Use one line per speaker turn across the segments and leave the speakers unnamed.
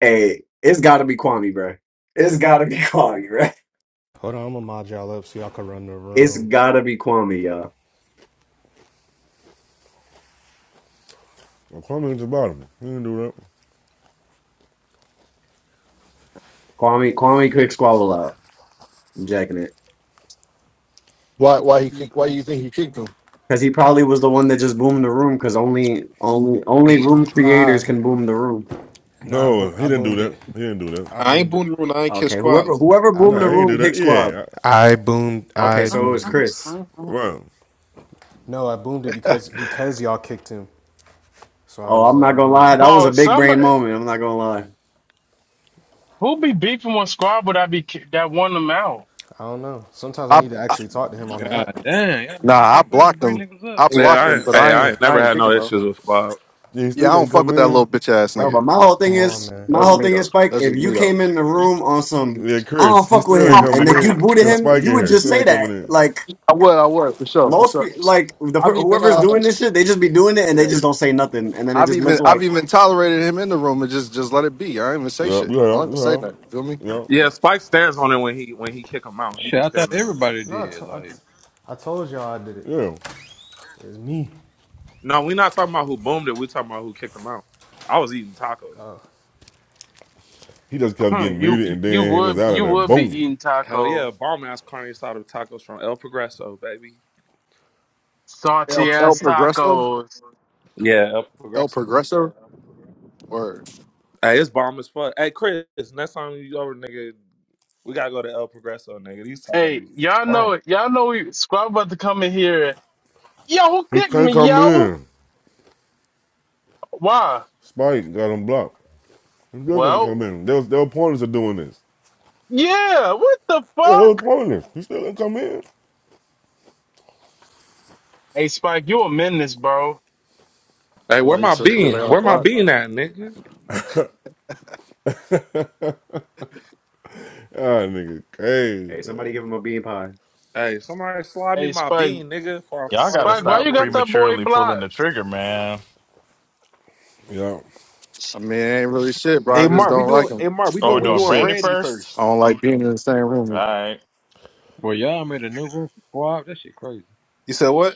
Hey, it's gotta be Kwame, bro. It's gotta be Kwame, bro.
Hold on, I'm gonna mod y'all up so y'all can run the
It's
room.
gotta be Kwame, y'all.
Well, Kwame just bought him. He didn't do that.
Kwame, Kwame, quick squabble out. I'm jacking it
Why? Why he? Kick, why do you think he kicked him?
because he probably was the one that just boomed the room. Because only, only, only room creators
Nah,
can boom the room.
nah, I,
No,
bo-
he
I
didn't do
boomed
that.
it.
He didn't do that.
I
I ain't
boomed it.
booting room. I ain't kiss
Okay, whoever,
squad.
whoever
I
boomed the
No, he
boomed
ain't
it.
do
room,
that.
kick squad.
Yeah, I,
I boomed.
Okay,
I
so it
Mm,
was
boomed it.
mm,
Chris.
mm, mm.
well,
No, I boomed it because because y'all kicked him. So I
Oh,
was
I'm
like,
not
I'm
gonna
booming it.
lie, that was a
Bro,
big brain
somebody
moment. I'm not gonna lie,
who be beefing with Squabble that be ki- that won them out.
I don't know. Sometimes I
I,
need to
I
actually talk to him on the app.
God damn, y'all niggas
nah, I
take forever to
blocked
bring
him.
niggas up.
I
Shit
Yeah,
blocked
I,
him,
ain't-
but
crazy.
hey,
I
I
ain't
ain't
I
never
ain't
had no
kicking though.
issues with Squab.
yeah, he
Yeah,
still
I don't
can't
fuck
come
with that little
in.
bitch ass
bro.
nigga.
But my whole thing
Come on,
is,
man.
my
That's
whole
me
Oh,
thing is,
though.
Spike.
That's
If
just
you
me though.
came in the room on some,
Yeah,
I
Chris,
don't
he
fuck with
still ain't
I
him, and
coming
then you
in.
booted
Got
him,
Spike in
you would
here. He
just
still
say
ain't coming
that,
in.
like.
would, I would for sure, for
Most
sure.
pe- like the
I've
per-
even
whoever's
uh,
doing this shit, they just be doing it and
yeah.
they just don't say nothing, and then it
I've
just
even
look
I've
like,
even tolerated him in the room and just just let it be. I don't even say
Yep,
shit.
you
I
have,
don't even
you
say
have,
nothing. Feel me?
yep,
Yeah, Spike stands on it when he when he kick him out. He
Shit,
be
I thought
standing on it.
everybody
No, I,
did.
to-
Like,
I, I told y'all I did it.
yeah.
It's me.
No, we not talking about who boomed it. We talking about who kicked him out. I was eating tacos.
He just kept
Huh,
getting
you
muted,
you
and
you
then he was
would
out of
you
there.
would be
Boom.
eating
Hell
tacos,
yeah, bomb ass carne asada tacos from El Progreso, baby.
El,
salty
El
ass
Progresso,
tacos.
Yeah, El
El
Progreso.
Progresso, or
Hey, it's bomb as fuck. Hey, Chris, next time you over, nigga, we gotta go to El Progreso, nigga. These
Hey,
tacos is
y'all know
bomb.
it. Y'all know we Squabble about to come in here. Yo, who
He
kicked
can't
me,
come
yo?
in.
Why?
Spike got him blocked. He still can't
Well,
come in. There was, there were pointers of doing this.
yeah. What the
Yeah, there was
fuck?
pointers. He still didn't come in.
Hey, Spike, you a menace, bro.
Hey, where
well, you
my
said because
bean?
they on
Where my
block.
bean at, nigga?
Ah, nigga, crazy.
hey,
Man.
somebody give him a bean pie.
Hey, somebody slide me
Hey,
my
Spike,
bean, nigga, for a
Y'all
fight
gotta
with
Spike,
me,
why you
stop
got
nigga.
that boy
prematurely pulling the
blocked?
trigger, man.
Yeah.
I mean, it ain't really shit, bro.
Hey
I just
Mark, we
don't like
doing.
him.
Hey Mark, we
Are
doing.
Ain't
we
We
really
doing
doing
brandy
shit.
Brandy
first?
first.
I don't like being in the same
All
room.
right.
boy, y'all made a new room for squab. That shit crazy.
You said what?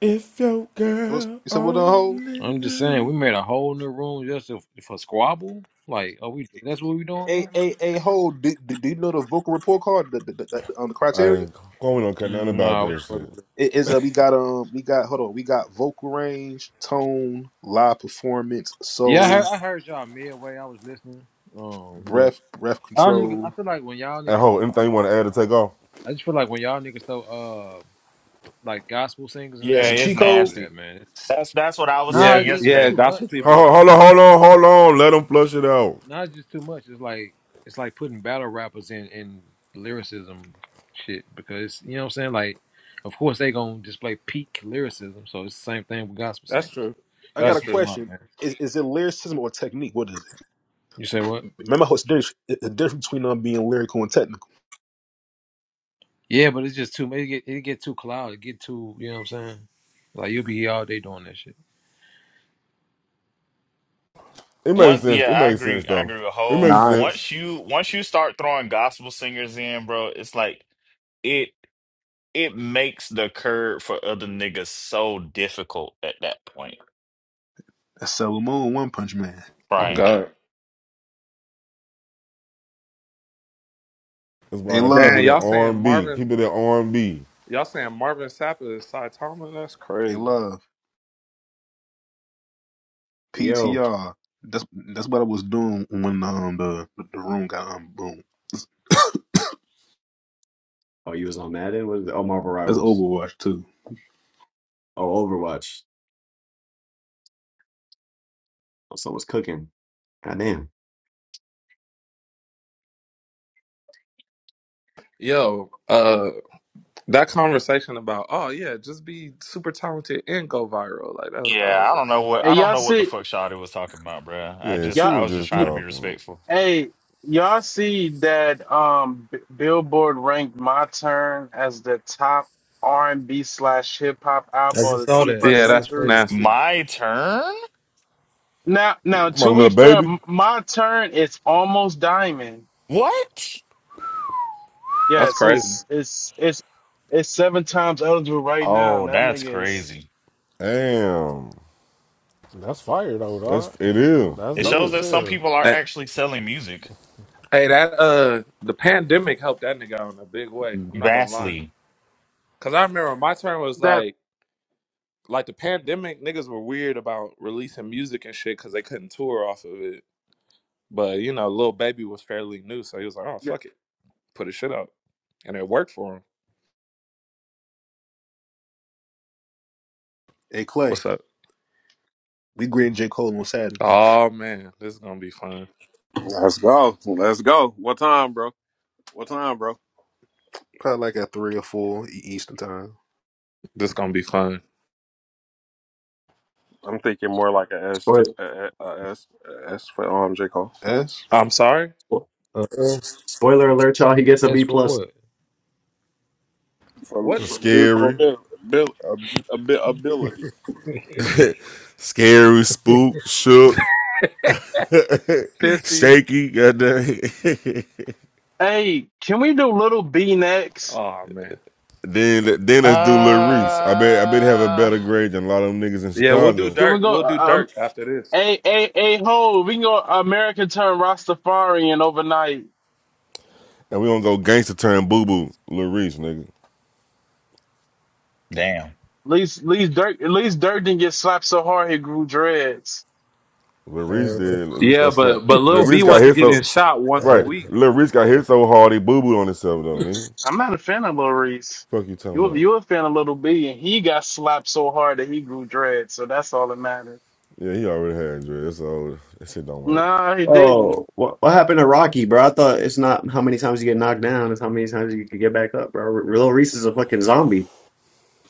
If your
So what's-
girl
You said what on hold?
only
I'm just saying, we
knew.
made a whole new room just for, for squabble. Like, are we? That's what we doing
Hey,
now?
hey, hey, hold. Do, do, do you know the vocal report card? The, the, the, the, on the criteria
I Chloe don't care nothing about
Nah, what
that
the fuck
shit.
is that?
it is. Uh, we got um. We got hold on. We got vocal range, tone, live performance,
Yeah, I heard,
soul,
I heard y'all midway. I was listening. Um, but
breath, breath
y'all niggas, I
control.
feel like when y'all
And
niggas
hold,
throw
anything you
like,
want to add or take off?
I just feel like when y'all niggas throw uh like gospel singers in
Yeah,
It's a
there, that
it's
cheat
you can't
code.
do that,
nasty.
man.
That's that's what I was
Nah,
saying
Yeah,
it's just it's
yeah,
yesterday.
too much,
gospel
bro.
people.
Hold, hold on, hold on, hold on. Let them flush it out.
Now it's just too much. It's like it's like putting battle rappers in in lyricism shit because you know what I'm saying. Like, of course they gonna display peak lyricism, so it's the same thing with gospel
That's
singers.
true.
I
You
got
gotta
That's
a
keep them
true.
out,
question.
man.
Is, is it lyricism or technique? What is it?
You say what?
Remember, how it's different- the difference between um, being lyrical and technical.
Yeah, but it's just too. It get it get too clouded. It get too. You know what I'm saying? Like you'll be here all day doing that shit.
It makes
Once, yeah,
sense. It
I
makes sense
agree. I
though.
agree with
It
Hove.
makes
Nah.
sense.
Once you once you start throwing gospel singers in, bro, it's like it it makes the curve for other niggas so difficult at that point,
That's Sailor Moon, One Punch Man.
Oh
Brian.
God.
That's why
Hey,
let's keep
love.
Damn,
it in
y'all
R
saying
and B.
Marvin
Keep it in R and B.
y'all saying Marvin Sapp is Cy Tomlin? That's
They
crazy.
love
Yo,
PTR. That's that's what I was doing when um the the room got unboomed.
oh, you was on Madden? What is it? Oh, Marvel
That's
Rivals.
Overwatch too.
Oh, Overwatch. Oh, someone's cooking. Goddamn.
Yo, uh that conversation about, oh yeah, just be super talented and go viral. Like that was that
Yeah,
was
I don't know
a,
what
Hey,
I don't
y'all
know what the
see
fuck Shawty was talking about, bro. I
Yeah, she
just
y'all.
I
was
was just
just
trying to be
talking.
respectful.
Hey, y'all see that um B Billboard ranked My Turn as the top R&B slash hip hop
I
album
just
of the
saw that.
21st
Yeah,
Yeah, that's
that's
century?
crazy.
nasty.
My turn.
Now, now
My
to
little
be fair,
baby.
M- My Turn is almost diamond.
What?
That's
Yes,
crazy.
it's it's it's it's seven times eligible right now.
Oh,
and That
that's
nigga is
crazy.
Damn.
That's fire though,
That's
dog.
it is.
That's
It
dope
Yeah.
shows
as
that some
hell.
people are
Hey,
actually selling music
hey, that uh the pandemic helped that nigga out in a big way. I'm not gonna lie.
vastly.
Cause I remember my turn was
that.
like like the pandemic, niggas were weird about releasing music and shit because they couldn't tour off of it. But you know, Lil Baby was fairly new, so he was like, "Oh fuck it, put his shit out," and it worked for him.
Hey Clay,
What's up?
we greeting J Cole on Saturday,
Oh man, this is gonna be fun.
Let's go. Let's go. What time, bro? What time, bro?
probably like at three or four E- Eastern time.
This is gonna be fun.
I'm thinking more like a S
Spoiler,
to a, a, a S a S for um J Cole
S,
I'm sorry.
spo-
Uh,
spoiler alert, y'all. He gets a
that's
B
for
plus.
what?
for,
For
What,
for lyrical
scary.
abil- abil- ab- abi- ability.
Scary, spooked, shook,
sissy?
shaky, goddamn.
Hey, can we do Little B next?
Oh man.
Then then let's do Lil Reese. I bet I bet he have a
Uh,
better grade than a lot of them niggas in
Yeah, we'll do
Chicago.
Can we
Dirk.
go?
We'll do
uh, Um,
Dirk after this.
a a a hold. We can go American Turn Rastafarian overnight.
And we gonna go gangster turn boo boo. Lil Reese, nigga.
damn.
At least, at least Dirk, at least Dirk didn't get slapped so hard he grew dreads.
Lil Reese
Uh,
did. Lil Reese
Yeah,
got slapped.
but but
Lil
Lil B
Reese got
wasn't
hit
getting
so
shot once a
right.
uh,
week.
Lil Reese got hit so hard he boo booed on himself though, nigga.
I'm not a fan of Lil Reese.
Fuck you talking
You,
about?
you a fan of Little B, and he got slapped so hard that he grew dreads. So that's all that matters.
Yeah, he already had dread. That's all. That shit don't work.
Nah, he didn't.
Oh, what what happened to Rocky, bro? I thought it's not how many times you get knocked down; it's how many times you can get back up, bro. Lil Reese is a fucking zombie.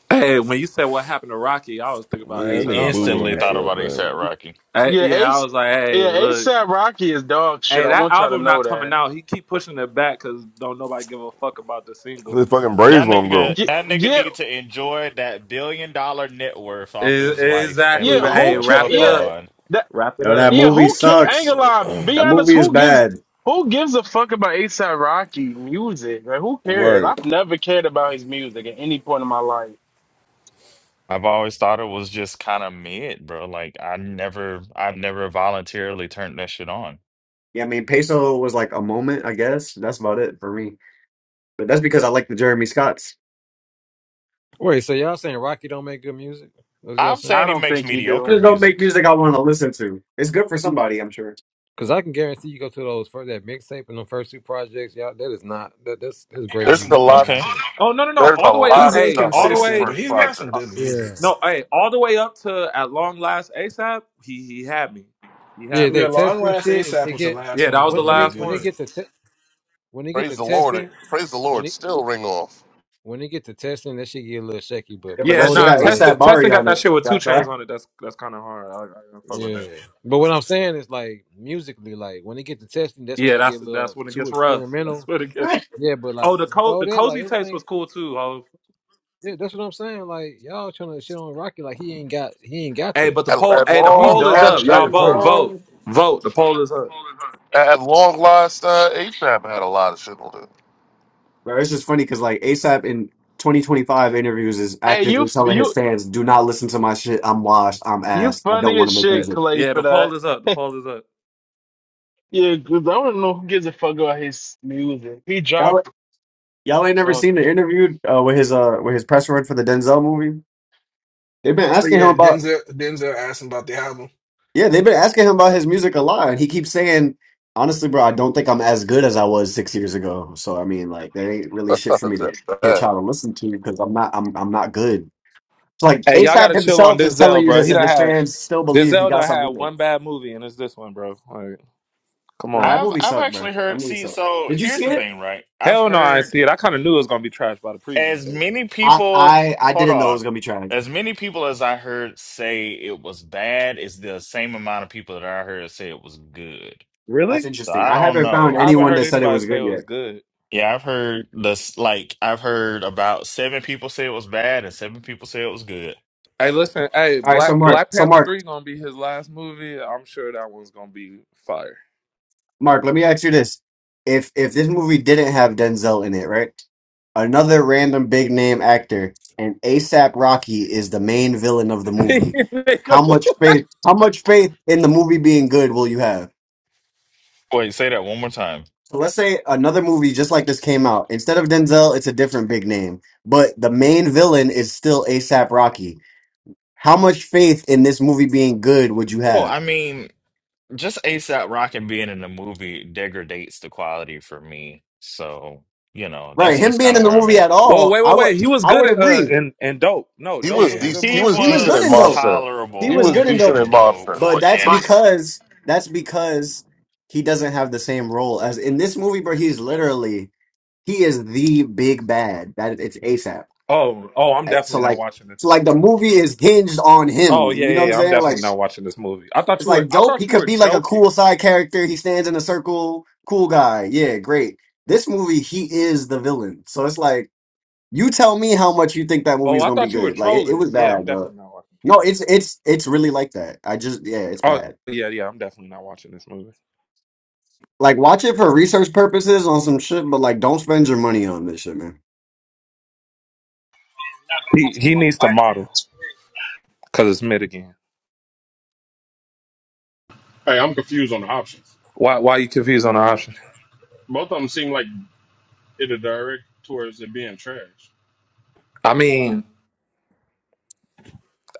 Hey, when you said what happened to Rocky, I was thinking about. Hey,
Yeah,
Man, that
said I
nigga
was
boo
like,
booed on
instantly thought
hey,
himself,
about
look.
man.
ASAP Rocky.
Hey,
Yeah,
yeah, I
Ace.
was like, hey,
Yeah,
look.
ASAP Rocky is dog shit.
Hey,
I
that
want y'all to
album
know
not coming
that.
out. He keep pushing it back because don't nobody give a fuck about the singles.
His fucking braids
That
won't
nigga,
grow.
Yeah,
that nigga
yeah,
need to enjoy that billion dollar net worth off
E-
his wife and
exactly.
yeah
But
move
hey,
who
the
care?
wrap
fuck
it up.
Yeah,
on.
that.
Wrap it
Yo, that
up.
Yeah,
movie
who care? I ain't
sucks.
gonna lie. Be
That
honest.
movie is
Who gives?
bad.
Who gives a fuck about ASAP Rocky music? Like, who cares?
Right.
I've never cared about his music at any point in my life.
I've always thought it was just kind of mid, bro. Like I never, I've never voluntarily turned that shit on.
Yeah, I mean, Peso was like a moment, I guess. That's about it for me. But that's because I like the Jeremy Scotts.
Wait, so y'all saying Rocky don't make good music? That's what y'all
I'm
saying?
I
saying he
don't
makes
think you
They
mediocre
do.
just don't make
music.
music I want to listen to. It's good for somebody, I'm sure.
Cause I can guarantee you go to those first that mixtape and the first two projects, y'all. That is not that, that's that's
He
great
got
There's
some
a
good
music, bro.
lot.
Okay.
music.
Oh no no no!
There's
All
a
the way up.
lot
He's
of
Hey,
stuff
all
on
the
those
inconsistent,
way.
but
first
he's got some
Uh,
good
projects.
Yeah.
music.
no, hey, all the way up to at long last ASAP. He he had me. He
Yeah,
had me.
Yeah,
that
Long
testing
Last
shit. It,
ASAP
it
was the
get
last
Yeah,
one
that
that
was
when
the
was
when they
really
last
when they
good.
one.
get to te- when they get
Praise
to
the Lord! it-
testing
Praise the
when
Lord!
it
Still ring off
when they get to testing that shit get a little shaky. But
Yeah, but
Yeah,
that
before
shit
nah.
that,
got
like
Testing
ASAP Bari
testing got
on it.
that shit with two
That's
chains
all.
on it. That's that's kind of hard. I, I don't fuck with
yeah.
that.
But what I'm saying is like musically, like when they get to testing, that's when
Yeah,
they get
that's
a
that's
little
when it
too
gets rough. That's
experimental.
when it gets.
Yeah, but like
Oh, the co-
before
the
that, like
cozy taste was
everything.
cool too.
Yeah, that's what I'm saying. Like y'all trying to shit on Rocky, like he ain't got he ain't got
Hey,
that.
but the
at,
poll,
at
hey, the
He
long
poll is
Oh,
at,
dog
up.
that
at
Y'all
shit,
shit
vote,
crazy.
bro.
vote,
long
vote. The poll is up.
at at long last. Uh, ASAP had a lot of shit on
Bro, it's just funny because like ASAP in 2025 interviews is
Hey, you
actively
f-
telling his
you
fans, "Do not listen to my shit. I'm washed. I'm
you
ass. I don't
funny
want
as
to make
Hey,
shit,
music."
Clay,
yeah,
for
the poll
that.
is up. The poll is up.
Yeah, 'cause I don't know who gives a fuck about his music. He
Y'all,
dropped.
y'all ain't never
No,
seen the
okay.
interview uh, with his uh with his press run for the Denzel movie. They've been
But
asking him
yeah,
about
Denzel Denzel asked him about the album.
Yeah, they've been asking him about his music a lot, and he keeps saying, "Honestly, bro, I don't think I'm as good as I was six years ago." So I mean, like, that ain't really shit for me to get
it.
y'all to listen to because I'm not, I'm, I'm not good. It's like
Hey, y'all
ASAP
gotta chill on
himself is telling
Denzel,
you
bro. He
this, and
done
his
had
fans still believe he
Denzel
got
done had
something there.
one bad movie, and it's this one, bro. Like, come
No,
on.
that
I've
movie
I've
sucked, bro.
actually
That
heard.
movie
See,
sucked.
so
Did you
here's
see
the
it?
thing, right? I've
Hell no, I ain't
heard
see it. I kind of knew it was gonna be trash by the preview,
as
but
many
I,
people.
I, I
Hold
didn't know it
on,
was gonna be trash.
as many people as I heard say it was bad is the same amount of people that I heard say it was good.
That's
really,
So
interesting.
I
I
don't
haven't found
I
know.
haven't
anyone
heard
that said it
anybody
was
say it
good
was
yet.
good.
Yeah, I've heard this. Like I've heard about seven people say it was bad and seven people say it was good.
Hey, listen, hey,
All right, so
Black
Mark,
Black
so
Panther
Mark,
three gonna be his last movie. I'm sure that one's gonna be fire.
Mark, let me ask you this. If if this movie didn't have Denzel in it, right? Another random big name actor and ASAP Rocky is the main villain of the movie.
Nigga.
How much faith how much faith in the movie being good will you have?
Wait, say that one more time.
So let's say another movie just like this came out. Instead of Denzel, it's a different big name. But the main villain is still ASAP Rocky. How much faith in this movie being good would you
Well,
have?
I mean, just ASAP Rocky being in the movie degrades the quality for me. So you know,
Right,
that's
him
just
being
kind of
in the
where I'm
movie
at.
at
Whoa,
all,
wait,
I
wait,
would
wait. He was
I
good
would
in uh
agree.
in, in Dope. No,
he
Dope
was
was a
Yeah.
good
decent. He
He
movie.
was
He was
decent
good
in
in
was
dope.
Monster.
He
He
was
was
tolerable
good in
decent
dope.
in
in dope.
Monster.
But that's because that's because he doesn't have the same role as in this movie, bro. He's literally he is the big bad. That it's ASAP.
Oh, oh, I'm
Uh, So
definitely not
like
watching this
so like
movie.
the movie is hinged on
Oh
him.
yeah,
You know
yeah,
what I'm
yeah. I'm
saying? Like
definitely not watching this movie. I thought
it's
you were
like
I
dope. He
thought you
could
were
be like a
joking.
cool side character. He stands in a circle, cool guy. Yeah, great. This movie, he is the villain. So it's like you tell me how much you think that
Oh,
movie's
I
gonna be
thought you were
good. Like it, it
trolling.
was
Yeah, I'm
bad, bro.
definitely not watching this
No,
movie.
it's it's it's really like that. I just yeah, it's bad.
Oh yeah, yeah, I'm definitely not watching this movie.
Like, watch it for research purposes on some shit, but like, don't spend your money on this shit, man.
You're not gonna go
He he
support a
needs to
black
model
man. That's crazy.
because it's mid again.
Hey, I'm confused on the options.
Why why you confused on the option?
Both of them seem like it'll direct towards it being trash.
I mean,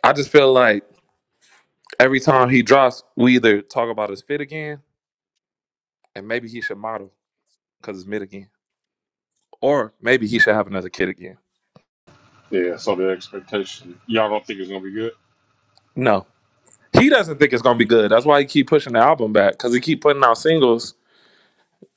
I just feel like every time he drops, we either talk about his fit again, and maybe he should model because it's mid again. Or maybe he should have another kid again.
Yeah, so the expectation. Y'all don't think it's gonna be good.
No. he doesn't think it's gonna be good. That's why he keep pushing the album back because he keep putting out singles,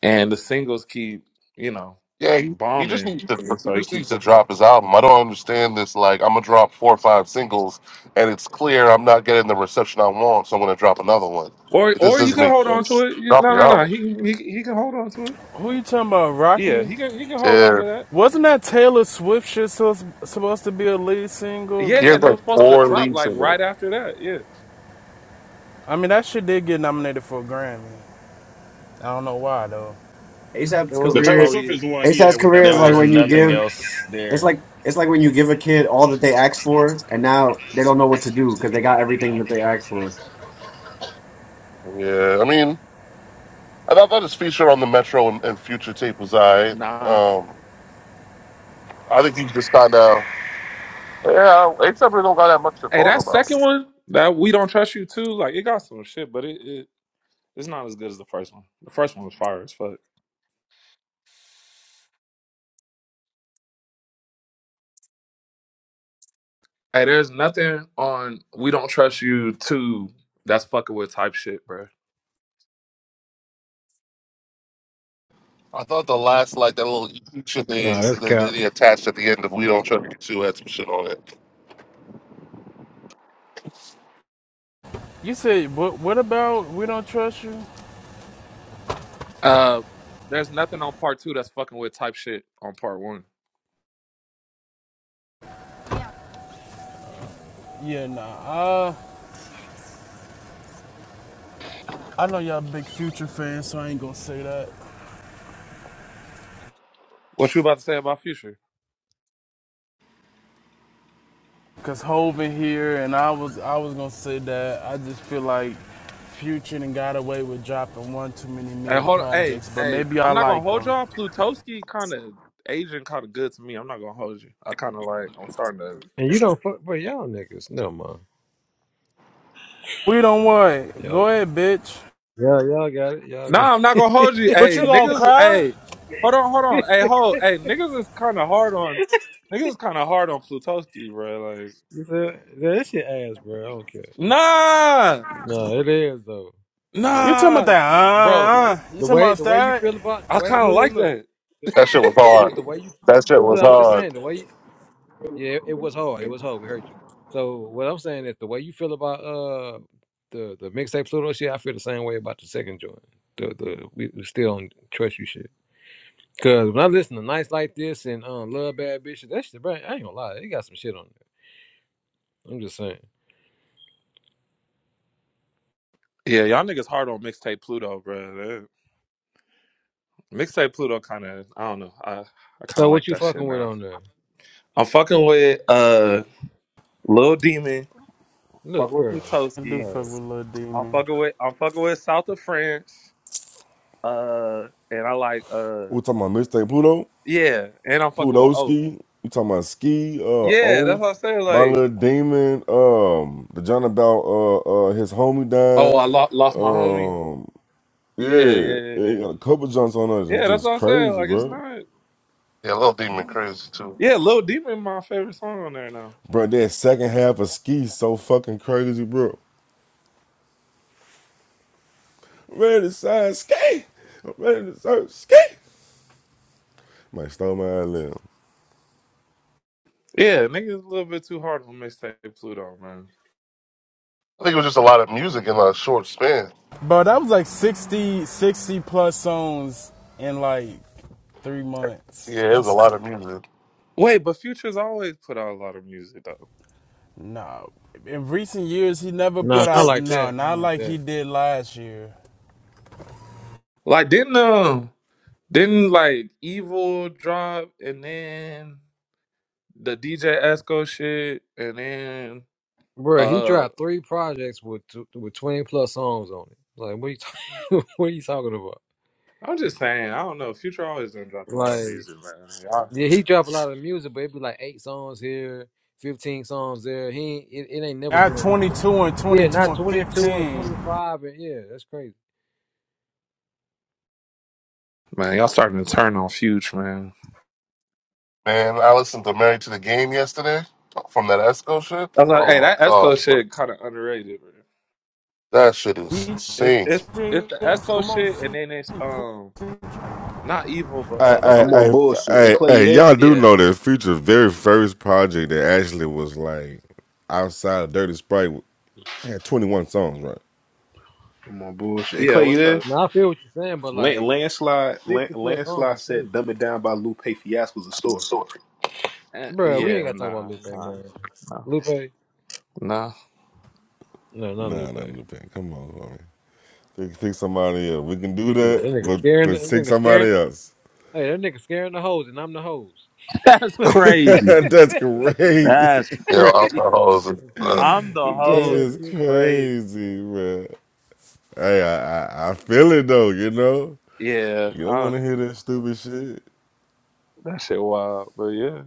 and the singles keep you know
Yeah, he, he just
bombing,
needs to
and
he
so he
just
keep
needs to
pushing that.
drop
Back.
his album. I don't understand this. Like I'm gonna drop four or five singles, and it's clear I'm not getting the reception I want, so I'm gonna drop another one.
Or
It just
or you
doesn't
can
make
hold on to
sense.
it. You,
Drop
no
the
no no,
album.
he, he he can hold on to it.
Who you talking about,
Yeah,
Rocky?
he can he can hold on
Yeah,
to that.
Wasn't that Taylor Swift shit so, supposed to be a lead single?
Yeah,
he has
and it
like
was supposed to
four
drop
lead
like
singles.
right after that. Yeah,
I mean, that shit did get nominated for a Grammy. I don't know why though.
it
ASAP's
was
The
a
Taylor
slow
career,
Swift is
year.
the one he
ASAP's
had with
career
that
is
There
like
fire
was
when
ass
you
video,
nothing
right?
give.
else
It's
there.
like it's like when you give a kid all that they ask for, and now they don't know what to do because they got everything that they asked for.
Yeah, I mean, I thought that his feature on the Metro and, and Future tape was I.
Nah,
Um, I think he's just kind of yeah. Except we don't got that much to
hey,
talk
that
about.
second one that we don't trust you too. Like it got some shit, but it, it it's not as good as the first one. The first one was fire as fuck. Hey, there's nothing on "We Don't Trust You" two that's fucking with type shit, bro.
I thought the last like that little shit
Nah,
they
that's
that
cap.
that he attached at the end of We Don't Trust You Two had some shit on it.
You said, what, what about We Don't Trust You?
Uh, there's nothing on part two that's fucking with type shit on part one.
Yeah, nah. Uh, I know y'all big Future fans, so I ain't gonna say that.
What you about to say about future?
Cause Hov in here, and I was I was gonna say that I just feel like Future and got away with dropping one too many
Hey,
mid
hold. Hey,
projects, but
hey,
maybe
I'm
I
not gonna
like
hold
them.
y'all. Plutoski kind of Asian, kind of good to me. I'm not gonna hold you. I kind of like. I'm starting to.
And you don't fuck for y'all niggas. No man.
We don't worry.
Y'all
Go ahead, bitch.
y'all y'all got it. Y'all got
Nah, I'm not gonna
it.
hold you.
But
Hey,
you gonna
niggas.
cry?
Hey, hold on, hold on. Hey, hold. Hey, niggas is kind of hard on. Niggas is kind of hard on Plutoski, bro. Like,
you feel that shit ass, bro. I don't care.
nah.
No, it is though. It is.
You talking about
Nah,
that?
bro.
Uh, uh, you
The
talking
way
about
the way you
that?
feel about the
I
way
kind of
look look
like
look.
that.
That shit was
Look,
hard.
the way you
That shit was
look, I'm just
hard.
saying the way you, yeah, it was hard. It was hard. We heard you. So what I'm saying is the way you feel about uh the the mixtape Pluto shit, I feel the same way about the second joint. The the we, we still on trust you shit. Cause when I listen to nights like this and um love bad bitches, that shit, bro, I ain't gonna lie, they got some shit on it. I'm just saying.
Yeah, y'all niggas hard on mixtape Pluto, bro. That- Mixtape Pluto kind of, I don't know. I, I kind
So
of
what
like
you
that shit
fucking with
now.
on there?
I'm fucking with uh Lil Demon.
Look,
Fucking with
bro.
I do
Plutoski.
All
fuck
right.
with Lil D,
I'm
man.
fucking with I'm fucking with South of France. Uh, and I like uh
We talking about mixtape Pluto?
yeah, and I'm fucking with oh
Plutoski. You talking about Ski, uh,
yeah. That's what I'm
Oath,
saying.
My
Like
Little Demon, um, the John about uh uh his homie
oh,
died.
I lo- lost my homie.
Um
Yeah,
yeah,
yeah, yeah,
yeah, he
yeah.
got a couple jumps on us. It's
Yeah, that's
just
what I'm saying.
crazy,
Like it's
bro.
not.
Yeah, Little Demon crazy too.
Yeah, Lil Demon, my favorite song on there now.
Bro, that second half of ski so fucking crazy, bro. I'm ready to sign ski. I'm ready to sign ski. Might stole my limb.
Yeah, niggas a little bit too hard on mixtape Pluto, man.
I think it was just a lot of music in a short span.
Bro, that was like 60, 60 plus songs in like three months.
Yeah, it was a
That's
lot of music.
Wait, but Future's always put out a lot of music though.
no. Nah. In recent years, he never
Nah,
put
not
out
like
no, nah,
that. Not
not
like
like he
that.
did last year.
Like didn't um didn't like Evil drop and then the DJ Esco shit and then
Bro, he
uh
dropped three projects with tw- with twenty plus songs on it. Like, what are you talking? what are you talking about?
I'm just saying, I don't know. Future always done dropped a lot of
Like,
music, man. Y'all,
yeah, he dropped a lot of music, but it'd be like eight songs here, fifteen songs there. He ain't, it, it ain't never
At
been. tw-
22 and
Yeah,
22
not
and
twenty two and
15.
twenty five, and yeah, that's crazy.
man, y'all starting to turn on Future, man.
Man, I listened to Married to the Game yesterday from that Esco shit.
I was like,
Oh
hey,
my
that
gosh,
Esco
bro.
shit kind of underrated, man.
That shit is
DJ
It's
insane.
it's it's the Esco
Eskimo
shit, and then it's um Not evil, but
I,
uh,
I,
what's
I,
I'm
the?
on
I,
bullshit. Hey
I,
Clay, you
hey,
there?
y'all do
Yeah,
know that future's very first project that actually was like outside of Dirty Sprite. I had 21 songs, right?
I'm on bullshit. Hey
yeah.
Clay, you
What's
there?
up?
Now I feel what you're saying, but
Lan-
like
landslide, Lan-
sixty plus songs
landslide
is crazy,
said "Dumb It Down" by Lupe Fiasco's a story.
Uh,
bro. We ain't
yeah,
got to talk about
nah,
Lupe,
nah,
man.
nah,
Lupe,
nah.
no, not
Nah, nah,
Lupe.
New Pen. Come on, homie. Pick, pick somebody else. We can do
Yeah, that
that,
nigga
but,
scaring,
but
that
pick
nigga scaring.
somebody else.
Hey, that nigga scaring the hoes, and I'm the hoes.
That's crazy.
That's crazy.
That's
Yo,
crazy.
alcohol is
The
uh,
fuck?
I'm the
You
That
hear
hose.
that
is
It's
shit?
crazy.
crazy, man. Hey, I, I, I feel it though, you know?
Yeah,
You don't
uh,
want to hear that stupid shit.
that shit wild. But yeah.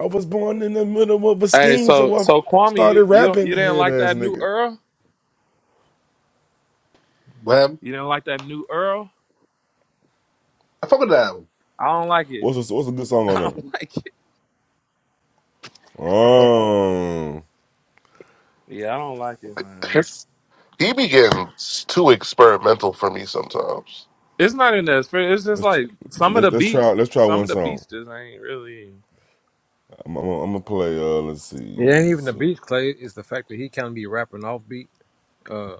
I was born in the middle of a
Hey,
scheme,
so
so I
so Kwame, you
started
you
rapping.
you didn't
Head
like
ass
that new
nigga.
Earl?
What happened?
You didn't like that new Earl?
I fuck with that album.
I don't like it.
What's a, what's a good song
I
on there?
don't like it.
I fuck.
Oh,
Yeah, I don't like it, man.
his- he be getting too experimental for me sometimes,
It's not in the spirit. It's just
let's tr-
like some of
let's
the
let's try
beats.
let's try
Some
one
of the
song.
beasters ain't really.
I'm, I'm, I'm gonna play. Uh, let's
It
see.
ain't
let's
even the
see.
beats, Clay. It's the fact that he kind of be rapping off beat. Uh,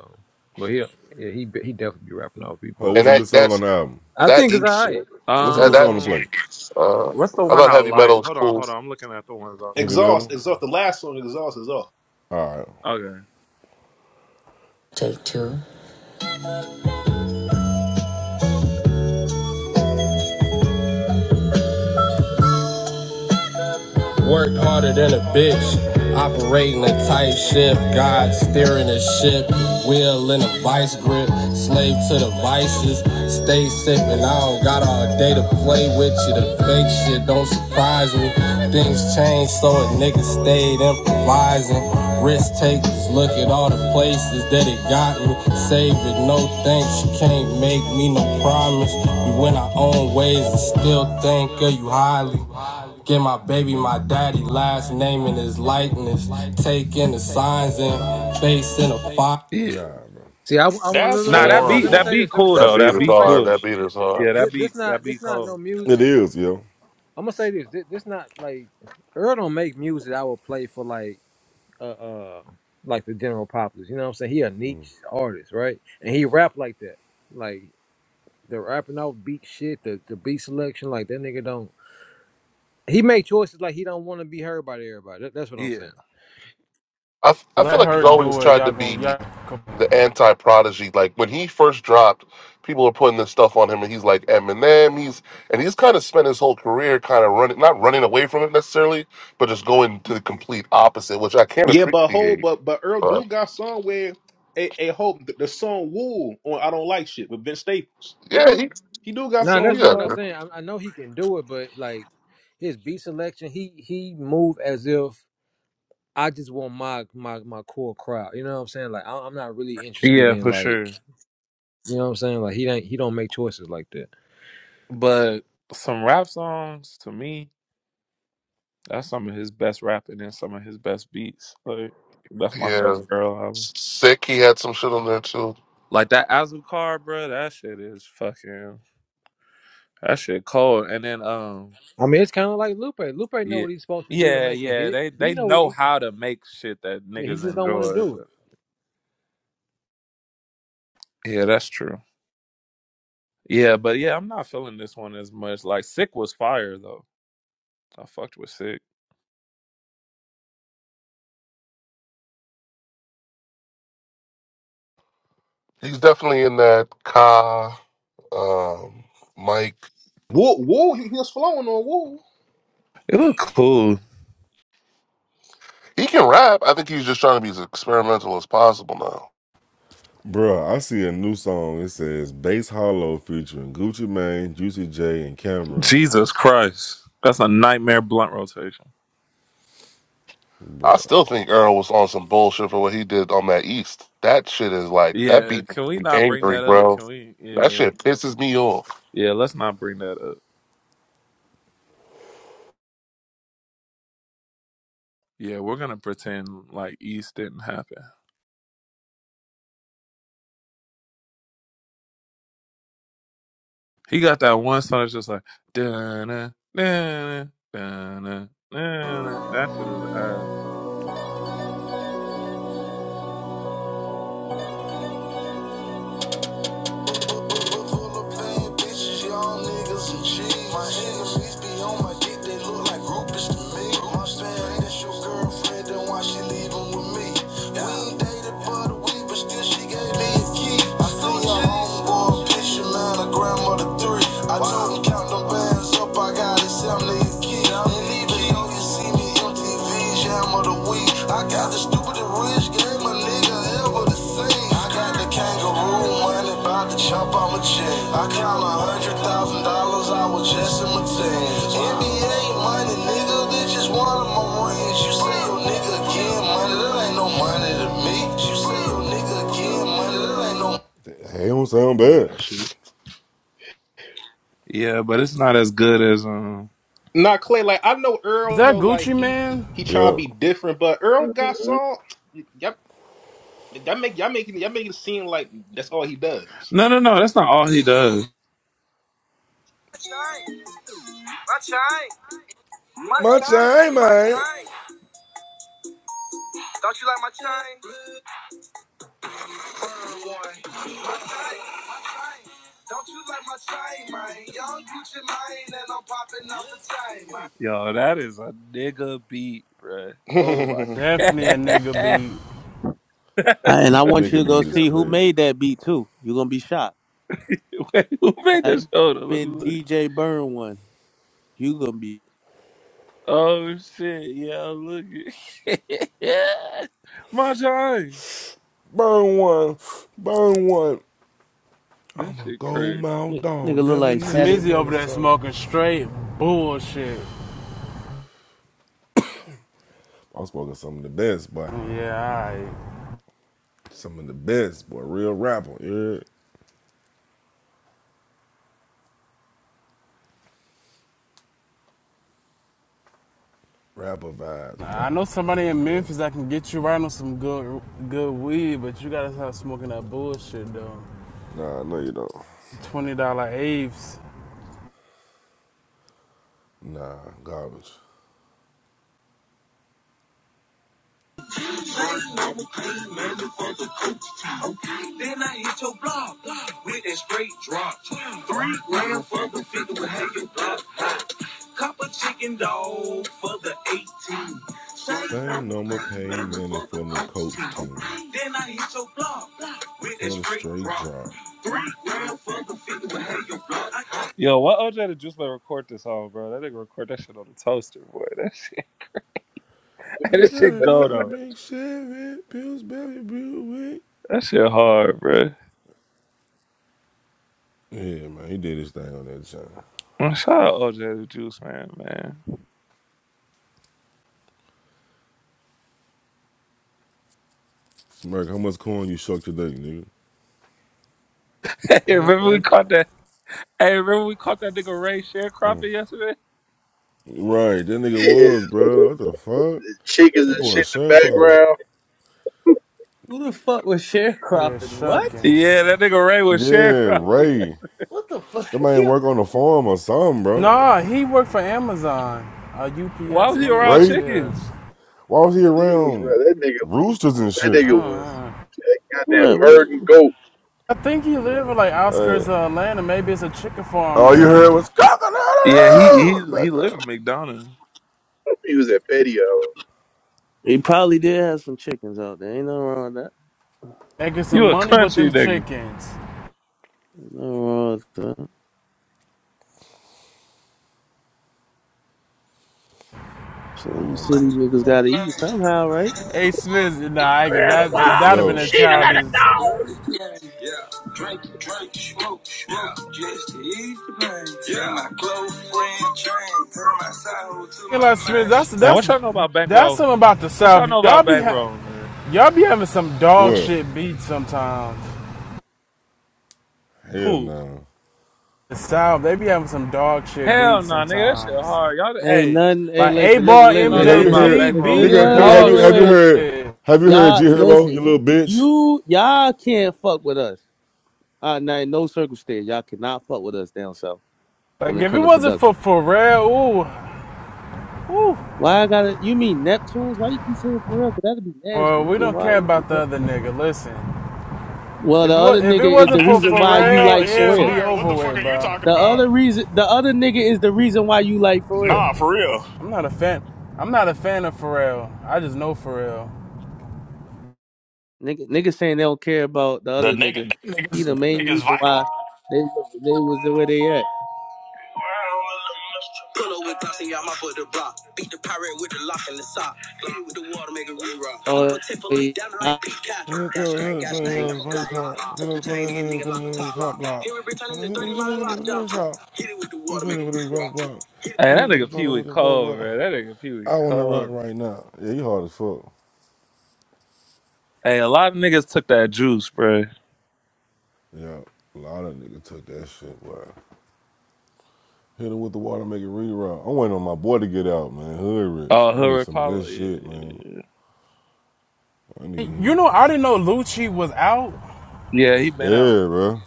but he, yeah, he, be- he definitely be rapping off beat.
Oh,
But
and
what's a
that
good song on
that's
the album?
I
that
think it's
eats
alright.
shit.
It's
What's a
That
good
cool.
song to
Um.
play?
that uh,
What's the
I
one
thought
I
heavy metal
like?
was
Hold on,
cool.
hold on. I'm looking at the ones. I...
Heavy
Exhaust,
metal.
exhaust. The last song, exhaust, is off.
All right.
Okay.
Worked harder than a bitch. Operating a tight ship. God steering a ship. Wheel in a vice grip. Slave to the vices. Stay sipping. I don't got all day to play with you. The fake shit don't surprise me. Things change, so a nigga stayed improvising. Risk takers, look at all the places that it got me. Save it, no thanks, you can't make me no promise. You went our own ways and still think of you highly. Give my baby my daddy last name in his likeness. Taking the signs and facing a fire. Nah,
Yeah,
bro.
See, I, I want look,
That's
look,
Nah,
look,
that
look. Let
beat
me
that
say
horrible.
beat
this. Let me
cool
say
That
though.
this. I
beat
That
is
want to
beat
play
hard.
cool.
That
this.
beat is hard.
Yeah,
this.
that beat
This
that
not, this
beat
not no
cold.
It
music.
is, yo.
I'm gonna say this. This, this not like Earl don't make music. I would play for like. uh, uh like the general populace. You know what I'm saying? He a niche artist, right? And he rap like that. Like the rapping off beat shit, the, the beat selection, like that nigga don't he make choices like he don't want to be heard by everybody. That, that's what I'm
yeah.
saying.
I, f- I feel
Let
like he's
her
always
do it.
tried to
Y'all gonna
be
y'all
the anti prodigy. Like when he first dropped, people are putting this stuff on him, and he's like Eminem. He's and he's kind of spent his whole career kind of running, not running away from it necessarily, but just going to the complete opposite, which I can't
Yeah, but whole,
appreciate.
but but Earl
But
do got song where a, a hope the, the song "Woo" on "I Don't Like Shit" with Vince Staples.
yeah, he
He do got
No, that's
songs, you
not
yeah
what I'm
know.
saying. I, I know he can do it, but like his beat selection, he he move as if I just want my my my core crowd. You know what I'm saying? Like I, I'm not really interested
Yeah,
in
for sure.
like you know what I'm saying. Like he don't he don't make choices like that.
But some rap songs to me, that's some of his best rapping and some of his best beats. Like that's my
yeah
favorite girl album.
sick. He had some shit on there too.
Like that Azucar, bro. That shit is fucking. That shit cold. And then um,
I mean, it's kind of like Lupe. Lupe know
yeah,
what he's supposed to do to
yeah,
make a
yeah.
hit.
They
He
they
know what
know
he,
how to make shit that
yeah, he
niggas
just don't want to
enjoy.
do it.
But yeah, that's true. Yeah, but yeah, I'm not feeling this one as much. Like Sick was fire though. I fucked with Sick.
He's definitely in that Ka um, Mike.
Woo, woo, he, he was flowing on woo.
It looked cool.
He can rap. I think he's just trying to be as experimental as possible now.
bro. I see a new song. It says Bass Hollow featuring Gucci Mane, Juicy J, and Cameron.
Jesus Christ. That's a nightmare blunt rotation.
I
bro.
still think Earl was on some bullshit for what he did on that East. That shit is like that
Yeah,
beat
can we
me
not bring
angry,
that up?
bro.
Can we
That
yeah.
shit pisses me off.
Yeah, let's not bring that up. Yeah, we're gonna pretend like East didn't happen. He got that one song that's just like da na dun na dun na. that shit is uh
Full of like a week, but still she a I grandmother three. I told him count them bands up, I got it, 70 a key. And even though you see MTV Jam of the Week. I got the stupidest rich game a nigga ever to see. I got the kangaroo money, about to chop on my check. I count a hundred thousand dollars, I was just in my teens. NBA money, nigga, this is one of my rings. You say your nigga again, money, that ain't no money to me. You say your nigga again, money, that ain't no. Hey, don't sound
Man,
bad.
that shit.
yeah, but it's not as good as um
Not Clay. Like I know
Is
Earl. You
that
know, like
Gucci
he he,
man?
he trying to
Yup.
be different, but Earl
hmm
got song. Yep, that make y'all making y'all making it seem like that's all he does.
No no no, that's not all he does. My
My
shine,
time,
my
man.
shine. Don't you like my shine? Don't you like my shine, man? Young Gucci mine, and I'm popping out the chain, man. Yo, that is a nigga beat, bruh. Oh my
Definitely a nigga
god.
be
Uh, and I want you to
Nigga
go
beat is
nigga.
see who
crazy.
made that beat too. You're gonna be shocked.
Wait, who made
Type
this? Hold on, let me
in
look.
DJ Burn one. You gonna be
Oh shit, yeah, look at my shine.
Burn one, burn one.
That
I'm a
shit crazy.
gold mouth
nigga
dog,
look like static.
definition
Smeezy
of
over
the
there
song.
smoking straight bullshit.
I was spoken some of the best, boy.
Yeah,
Some of the best, boy. Real rapper, yeah. Rapper vibes,
alright.
boy.
I know
I'm
somebody
at the
in
best.
Memphis that can get you right on some good good weed, but you gotta stop smoking that bullshit though.
Nah, no, you don't.
Twenty dollar apes.
Nah, garbage.
Then I hit your block with that straight drop. Three grand for the 50 with how you block. Copper chicken dog for the 18. Same
Same
number
number
pay
paid
member
money
for the
for the coach
team.
team.
Then I hit your block with that
For the
straight
straight
drop.
drop.
Three grand for the 50 with how you block. Yo, why OJ the Juice Man record this song, bro? That nigga record that shit on the toaster, boy. That shit,
I
that
got
shit
it,
go
I'm a
though.
big seven, Pillsbury Buick.
That shit hard, bro.
Yeah, man, he did his thing on that channel.
Man, Shout out OJ the Juice Man, man.
Merc, how much corn you shuck today, nigga?
Hey,
And,
Remember we
and,
caught that. Hey, remember we caught that nigga Ray sharecropping yesterday?
Right, that nigga
Yeah,
was, bro. What the fuck?
chickens
That
and
boy a
shit in the
sharecropper.
background.
Who the fuck was
yeah,
sharecropping? What?
shucking.
Yeah, that nigga Ray was
Yeah,
sharecropping.
Ray. That man work on the farm or something, bro.
Nah, he worked for Amazon, uh,
Why
UPS,
was he
one of
around
those.
Ray,
Yeah.
chickens?
why was he
That nigga was
around
right. That nigga,
roosters and
that
shit?
I
nigga
don't
was
know.
goddamn
What, what?
herding goat.
I think he lived in like
Right.
outskirts of Atlanta. Maybe it's a chicken farm
All you heard was
there.
coconut
Yeah, he he
in the
he live
background.
in McDonald.
He was at patio.
He probably did have some chickens out there. Ain't nothing wrong with that.
Making some
You a
money with
country
them
nigga.
chickens.
Ain't nothing wrong with that. So
I
you
want to make
city niggas gotta
a
eat somehow, right?
Hey Smith, nah, I ain't gonna-
Grand, wow,
that that'd have been
yo.
a
shit like a
childish.
dog.
You know, Smith, that's
Man,
that's
what y'all know about
that's
bankroll?
something about the
What y'all
South.
know
Y'all
about
be ha-
bankroll, man?
y'all be having some dog
What?
shit beats sometimes.
Hell
Who?
no.
The South, they be having some dog shit
Hell
beats
no, nigga, that shit
sometimes.
hard. Y'all,
Ain't
hey,
nothing. Hey,
Like A
listen, listen,
Ball
I don't
listen,
know
Nigga, have
listen,
nothing
you
listen,
about
heard?
MJG
listen,
back
listen.
row
listen.
beats
Nigga,
friends.
nigga,
Uh,
have
wait,
you
dog
wait,
have
wait,
you
wait.
heard?
shit.
Have you heard
Y'all,
G Herbo?
listen.
You little bitch.
You y'all can't fuck with us. Uh, now in no circumstance y'all cannot fuck with us down south
Like
when it
if it
comes to
wasn't
production.
for Pharrell, ooh, ooh.
Why I gotta? You mean Neptunes? Why you keep saying Pharrell? Cause that'd be nasty.
Well,
He
we
can
don't care
why he
about
get
the
paid.
other nigga. Listen,
Well,
if
the
it
other
was, if
nigga
it
is the
wasn't
That's
for
the
reason
nigga
why
who
you
made
Pharrell,
the
like
shit
it'd
Pharrell.
be
fire. What
over
the fuck
with,
are you
bro.
talking
The
about?
other reason, the other nigga is the reason why you like Pharrell.
Nah, for real.
I'm not a fan. I'm not a fan of Pharrell. I just know Pharrell.
Nigga, nigga saying they don't care about the
The
other nigga.
nigga, that
He
nigga's,
the
that
main
nigga's
reason why
vital.
they they was the way they at.
Pull up with blocks and y'all mop up the block. Beat the pirate with the lock and the sock. Hit with the water, make it re-rock. Keep
Oh,
a tip of
yeah.
leak down like peacock.
Then it's
Got straight, got
twenty
stain, got
dollars
my block
paint
lock.
shop. Then
Tuck
it's
your chain in,
twenty
nigga, lock the
dollars
top
cop
lock.
block.
Here we return
Then
in the
it's
30 mile and lock
twenty
jump.
dollars shop.
Hit it with the
Then it's
water, make
twenty
it
dollars
re-rock.
block.
Hit it. Hey, that
twenty
nigga Pee Wee cold,
dollars
bro. That nigga Pee Wee
I want to rock
cold.
right now. Yeah, you hard as fuck.
Hey, a lot of niggas took that juice, bro.
Yeah, a lot of niggas took that shit, bro. Hit it with the water, make it reroute. I'm waiting on my boy to get out, man. Hood rich.
Oh,
I
Hood
need some of that
Republic. Yeah,
shit,
yeah,
man.
yeah.
I need
You
him.
know, I didn't know Lucci was out.
Yeah, he been out.
Yeah, bro.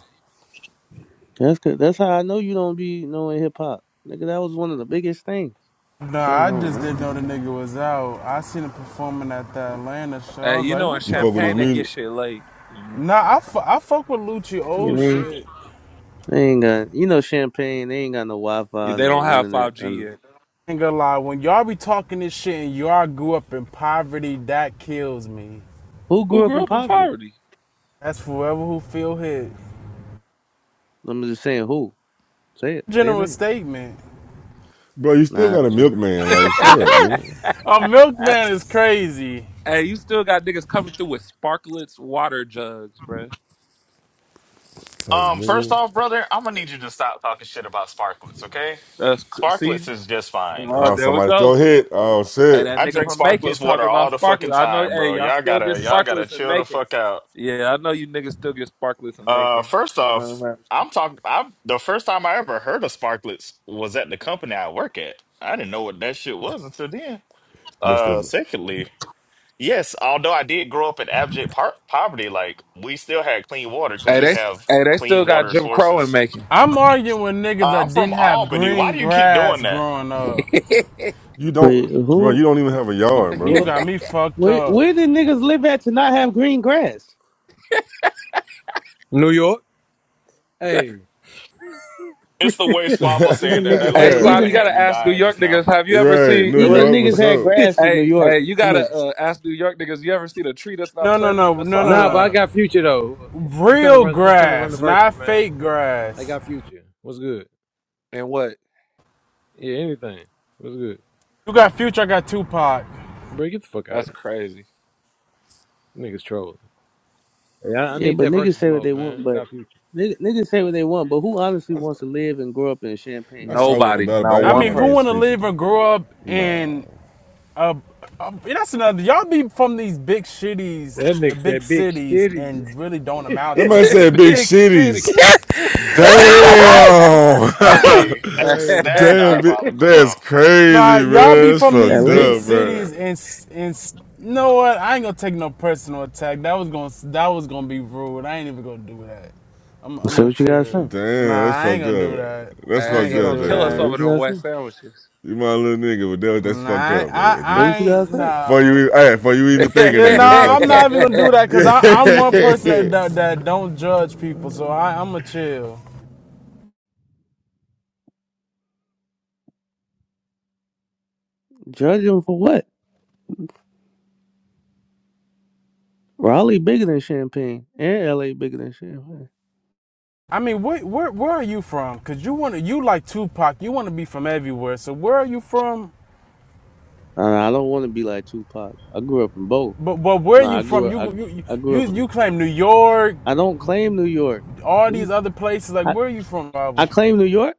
that's good. That's how I know you don't be knowing hip hop, nigga. That was one of the biggest things.
Nah,
Came
I
home,
just
nigga.
didn't know the nigga was out. I seen him performing at the Atlanta show. I
Hey,
was
you
like,
know, in
what
You
the
fuck with this
Champagne, they
fuck?
get
music?
shit late. You know,
Nah, I, fu- I fuck with Lucci
You
old
know,
shit.
they ain't got you know champagne. They ain't got no Wi
Yeah,
Fi,
they don't
no
have
internet.
5G
And
yet.
Ain't gonna lie, when y'all be talking this shit and y'all grew up in poverty, that kills me.
who
Who
grew up
grew
in
up in
poverty?
poverty?
That's forever who feel hit.
I'm just saying, who? Say it. Say it
General
name.
statement.
Bro, you still
Nah.
got a
it's-
milkman. Like, shut up, nigga.
A
Ah,
milkman is crazy.
hey, you still got niggas coming through with sparklets water jugs, bruh.
Like,
Um, first
nigga.
off, brother, I'm gonna need you to stop talking shit about sparklets, okay?
That's cr-
Sparklets
see.
is just fine.
Oh,
Oh,
there we
somebody fell
go.
hit. Oh
Hey,
shit,
that
I
nigga
drink
from Macon
sparklets water
talking
all
about
the fucking
sparklets. I know.
time,
Hey,
bro.
y'all
Y'all
still get
gotta, y'all gotta
sparklets in
chill the
Macon.
fuck out.
Yeah, I know you niggas still get sparklets in
Uh,
Macon.
first off,
Uh,
I'm talking. I the first time I ever heard of Sparklets was at the company I work at. I didn't know what that shit was until then.
Mister.
Uh,
V-
secondly, yes, although I did grow up in abject par poverty, like we still had clean water because
Hey,
we
they,
have
hey, they still
clean
got
water
Jim Crow in
sources.
Macon.
I'm arguing with niggas
Uh, I'm
that didn't
from
have
Albany. Why
green
do you keep
grass
doing that?
growing up.
hey,
You
Wait,
don't, bro. You
who?
don't even have a yard,
You
bro.
What?
got me fucked
Where?
up.
Where did niggas live at to not have green grass?
New York. Hey,
It's the way Squabble said
Even
that they
niggas,
like
hey,
Squab,
really
you
even
had
gotta
me
ask New
dying
York
just now.
niggas. Have you ever
Right,
seen?
New
Look,
even
York for
niggas had
sure.
grass in New
Hey,
York.
hey, you
Come on.
gotta uh, ask New York niggas. You ever seen a tree that's not
No, no,
planted
no,
in the
no, no,
nah, but
sidewalk?
I
no.
got future though. I'm trying to
Real
run. I'm trying to run the
grass,
verses,
not
man.
fake
I
grass.
got future. What's good?
And what?
Yeah, anything. What's good?
You got Future, I got Tupac.
Bro, get the fuck out of
That's crazy.
here. Niggas trolling. Hey, I, I
Yeah,
need
but
that
niggas
versus
say what they
smoke,
want,
man. I
but
got future.
niggas, niggas say what they want. But who honestly wants to live and grow up in Champaign,
I saw
Illinois,
one
Nobody,
about it,
not
but I
I
ain't
one
mean,
going
who
against
wanna
person.
Future
live or
though.
grow up
Nah,
in a? a- that's another. Y'all be from these big shitties,
That nigga
big
said big
cities,
shitty.
and really don't amount
that
to
man
nothing.
said big
Big shitty.
shitties. Damn,
That's
Hey, that's
crazy.
that's
damn, bi-
diabolical, bro.
that's
Nah,
crazy,
y'all
bro.
be
That's
from these
fucked
L.A.?
big
up, bro.
cities, and and you know what? I ain't gonna take no personal attack. That was gonna that was gonna be rude. I ain't even gonna do that. I'm I'm
Say
gonna
what you gotta
chill.
say.
Nah,
Damn, that's
I ain't
fucked
gonna do
up.
that.
That's
I
hey,
ain't
fucked
he
gonna
up,
gonna
J.
do
kill us
Say
that.
Will.
what
over
you
them
gotta
wet
say.
sandwiches.
You my little nigga, but that, that's
Nah,
fucked
I
up, bro.
I,
If
Say
you
I
what you gotta
ain't
say.
For
nah.
you, e- hey, for you even thinking
Yeah,
that, that's
nah, I'm
fucked up.
not even gonna do that because
Yeah.
I I'm one person that, that that don't judge people, so I, I'm gonna chill.
Judge them for what? Raleigh bigger than Champagne, and LA bigger than Champagne.
I mean, where, where where are you from? Cause you wanna you like Tupac, you wanna be from everywhere. So where are you from?
Uh, I don't want to be like Tupac. I grew up in both.
But but where are
No,
you
I grew
from?
up.
You you
I, I grew
you
up in.
you claim New York,
I don't claim New York.
all
What do you?
these other places. Like
I,
where are you from,
I
Bible?
claim New York.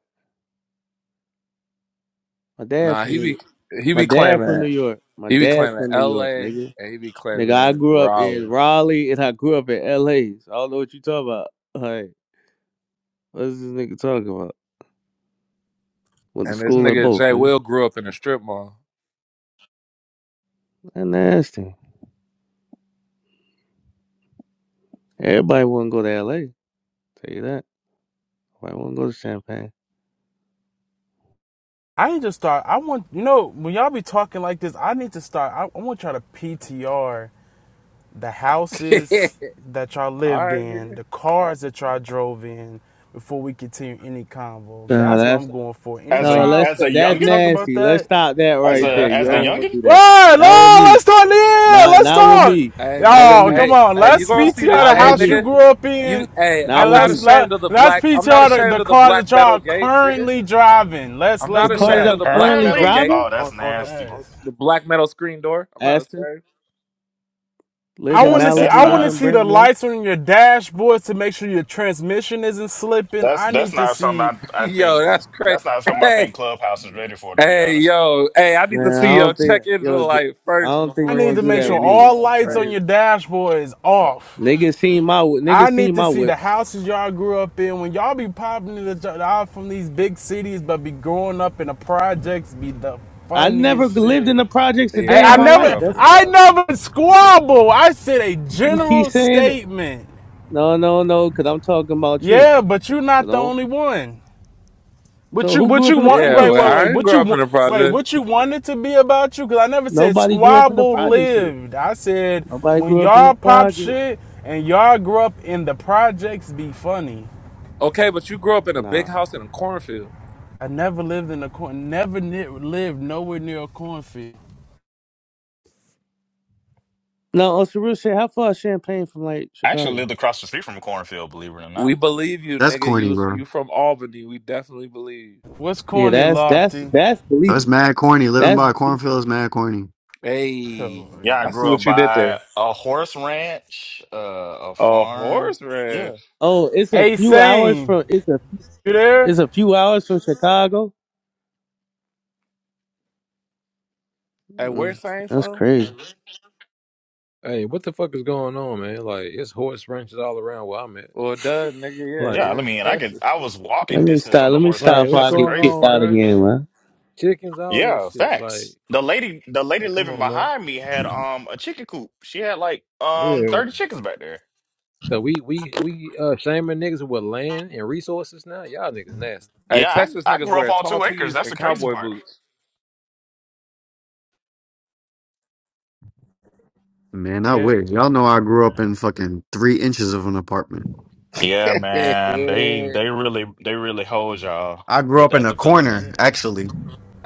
My dad
nah,
from
he
New.
be
York.
he
My
be
dad from
claiming
New York. My
he be
dad
claiming
from New York,
L.A.
nigga.
and he be
Nigga, I
claiming
grew up in
Raleigh.
Raleigh and I grew up in LA. So I don't know what you talking about. Like, what's this nigga talking about? Went to
And this
school in
nigga
both,
Jay
nigga.
Will grew up in a strip mall.
That nasty. Everybody wouldn't go to LA. Tell you that. Everybody wouldn't go to Champagne.
I need to start. I want you know when y'all be talking like this. I need to start. I, I want y'all to PTR the houses that y'all
All
lived
right,
in,
nigga.
the cars that y'all drove in before we continue any convo.
Nah,
That's what
that's
I'm going for.
As
No,
a
Anytime
let's
as a
we
that's
youngin,
talk about
nasty. Let's
that,
stop that
as
right
Yeah,
there.
a
that's
You
as the
don't
nasty.
youngin.
want to do that.
What?
Not with
No,
me.
let's talk then.
Not
Let's
not with
talk.
me.
Hey
Not with
nigga,
Y'all,
me.
come
hey,
on.
hey, you
Let's
gonna
Not
see the
PTR the
not
hey
with
house you
me.
nigga.
grew up
You
in.
hey,
Not
And
I'm
with
not
let's
me.
let,
ashamed of the
let's
black I'm not
PTR the, the
ashamed of the
car that
black metal
y'all
gate, nigga.
currently driving. Let's
I'm
let's
The
not
do
car that
ashamed of
I'm
that.
the black
currently
metal
Currently?
gate
driving,
Oh, that's
on, on the
nasty.
on
Yes.
the black metal screen door. I'm not
Aston,
ashamed.
lived
I
in
want
That's
to see
that's
I
Malibu,
want
lived
to
in
not
see the
Brentwood.
lights on your dashboard to make sure your transmission isn't slipping.
that's
I
that's
need to
not something
see
I, I
yo,
think
that's crazy.
that's not something I think
Hey,
Clubhouse is ready for, to be
hey,
honest.
yo, hey, I need to
Man, I
see your
don't think
check into
yo, j-
life
I
first
don't think
I
before
you
need
want
you
to
to do
make
that
say
sure
with me.
anything.
all
It's
lights
Uh,
on
crazy.
your dashboard is off.
niggas seen my wh-
I
niggas
need
seen
to
my
see the
whips.
houses y'all grew up in. When y'all be popping in out from these big cities, but be growing up in the projects, be the
I never
funniest
lived in
shit.
the projects a
I,
day
Yeah,
in
I
I
my
didn't
life.
never,
grow up in
That's
the
I
project.
never squabble. I said a
you keep
general
saying it.
statement.
No, no, no, because I'm talking about you.
Yeah, but you're
So
not the
don't.
only one. What
So
you,
who
what
grew up
you
in the
want?
Yeah,
Wait,
projects
well,
wait,
here?
I
wait.
didn't
What
grow
you
up in
want?
the
Wait,
project.
what you wanted to be about you? Cause I never said
Nobody grew up in the
squabble
projects here.
lived. I said
Nobody
when
grew up in the
y'all pop
project.
shit and y'all grew up in the projects, be funny.
Okay, but you grew up in a big
Nah.
house in a cornfield.
I never lived in a corn. Never ne- lived nowhere near a cornfield.
No, on some real shit, how far is Champagne from like
I actually
Chicago?
lived across the street from a cornfield, believe it or
We
not.
believe you,
That's
nigga. You
corny,
was-
bro.
you from Albany. We definitely believe.
What's
Yeah,
corny,
that's that's
Lofty?
that's
That's
believable.
mad corny. Living
That's
by a
believable.
cornfield is mad corny.
Oh,
Hey,
Yeah, I
I see
grew up
what you did
by
there.
a horse ranch, uh, a
A
farm.
horse
Yeah.
ranch.
Oh, it's a
a
few hours
sane.
from it's a
You
it's
there?
a few hours from Chicago.
Hey, where
Mm,
Saint
that's
from?
crazy.
Hey, what the fuck is going on, man? Like, it's horse ranches all around where I'm at.
Well, duh, nigga.
Like,
Yeah,
Yeah, I
you're in
mean I could
Texas.
I was
Let
walking
me
distance
stop.
from the
Let me
horse
Like,
stop
ranch.
what's
before I
That's the
get
going
crazy
kicked
on,
out
part.
bro?
again, man.
chickens, all that
Yeah,
shit. Like,
facts. The lady the lady
like, come
living
on, man.
behind me had um a chicken coop. She had like um
Yeah.
30 chickens back there.
So we we we uh shaming niggas with land and resources now. Y'all niggas nasty.
Hey,
Yeah,
Texas
I, I
niggas
grew up
wear
on
tall
two acres.
tees
That's
and
the crazy
cowboy
part.
boots.
Man, I
Yeah.
wish. Y'all know I grew up in fucking three inches of an apartment.
Yeah,
hey,
man. They they really they really hold y'all
I grew
with
up in
that
a
development.
corner, actually.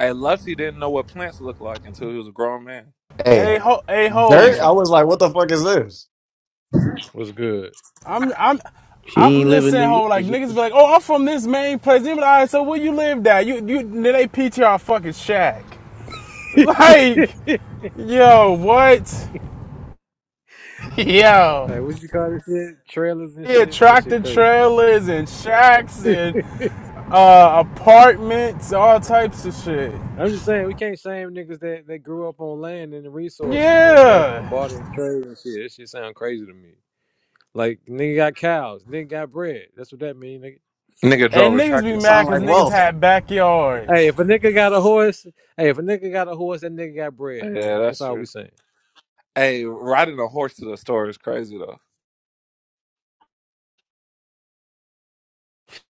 Lutzy didn't know what plants looked like until he was a grown man.
A
Hey,
ho. A
Dirt. I
hove.
Shameful.
was like, what the fuck is this?
What's good?
I'm. I'm.
She
I'm
ain't live
just
in New
saying, ho,
York,
like
if you,
niggas be like, oh, I'm from this main place. They be like, all right, so where you lived at? You, you, they PTR fucking shack. Like, yo, what? Yo,
Like, what you call this shit? Trailers and
yeah,
shit. That shit
tractor
crazy.
trailers and shacks and uh, apartments, all types of shit.
I'm just saying we can't shame niggas that that grew up on land and the resources and been from the
Yeah.
barter and trade and shit. That shit sound crazy to me. Like nigga got cows, nigga got bread. That's what that mean, nigga.
Nigga drove
And
a
niggas be
tractor
that
to the
sounds
mad because
like
store.
niggas
wealth.
had
Hey,
backyards.
if a nigga got a horse, hey, if a nigga got a horse, that nigga got bread,
Yeah,
man. That's
that's
all we
true.
saying.
Hey, riding a horse to the store is crazy though.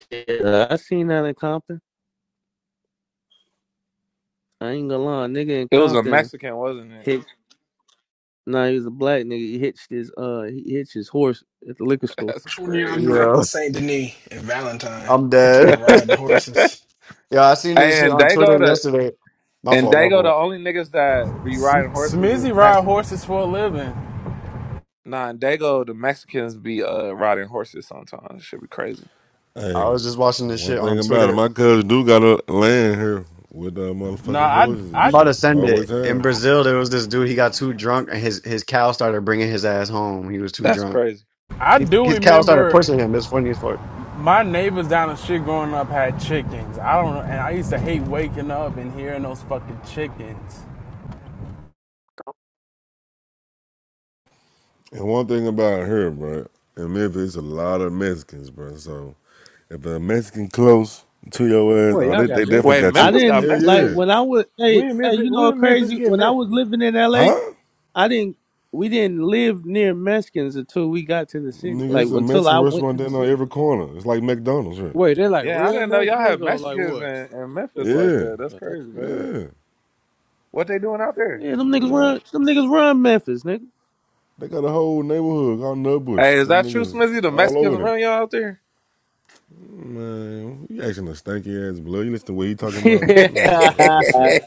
yeah, I seen that in Compton. I ain't gonna lie, a nigga in
It was a
Compton
Mexican, wasn't it?
hitched. Nah, he was a black nigga. He hitched his uh, he hitched his horse at the liquor store.
That's
Which one of y'all
crazy.
grew up
Yeah.
in Saint Denis and Valentine?
I'm
Talking
dead.
about riding horses.
yeah, I seen this shit
and
on
they
Twitter
go to
yesterday. My
and
fault,
they
my
go the
fault.
only niggas that be
Sm-
riding horses is
Smizzy ride horses
Mexicans.
for a living.
Nah, and they the Mexicans be uh riding horses sometimes. Should be crazy.
I
hey,
was just watching this
one
shit
thing
on
about it,
Twitter.
my cousin do got a land here with uh,
Nah,
motherfucking
I,
horses and
I'm
I,
about
shit.
to send
Always
it. In
have.
Brazil, there was this dude. He got too drunk, and his his cow started bringing his ass home. He was too
That's
drunk.
crazy.
I
His,
do
his cow started
remember
pushing him. It's funny as fuck.
my neighbors down the street growing up had chickens. I don't know, and I used to hate waking up and hearing those fucking chickens.
And one thing about here, bro, in Memphis, a lot of Mexicans, bro. So if a Mexican close to your ass,
Boy,
oh,
y'all
they,
got
they
milk.
definitely
Wait,
got
I
chicken.
Memphis got
didn't
Hell
like
yeah.
Mexicans?
when I was hey
When
hey
Memphis,
you know what
when Memphis
crazy
get
when I was
Mexicans?
living in LA
Huh?
I didn't we didn't live near Mexicans until we got to the city
Nigga,
like
it's a
until
Mexican
I went
restaurant
to the
down on
city
every corner. It's like McDonald's, right?
Wait, they like
Yeah, I
real
didn't know y'all
Mexicans
had
or like
Mexicans
what?
in, in Memphis like
Yeah.
that. That's
Nah, that's
crazy.
crazy.
Yeah.
What they doing out there?
yeah them niggas run them niggas run Memphis nigga
They got a whole neighborhood called Nutbush.
Hey, is
Them
that true,
niggas
Smithy? The
all
Mexicans
over there.
run y'all out there?
Man, you asking a stanky ass blood. You listen to what he talking about? He ain't even talking
yeah
about shit.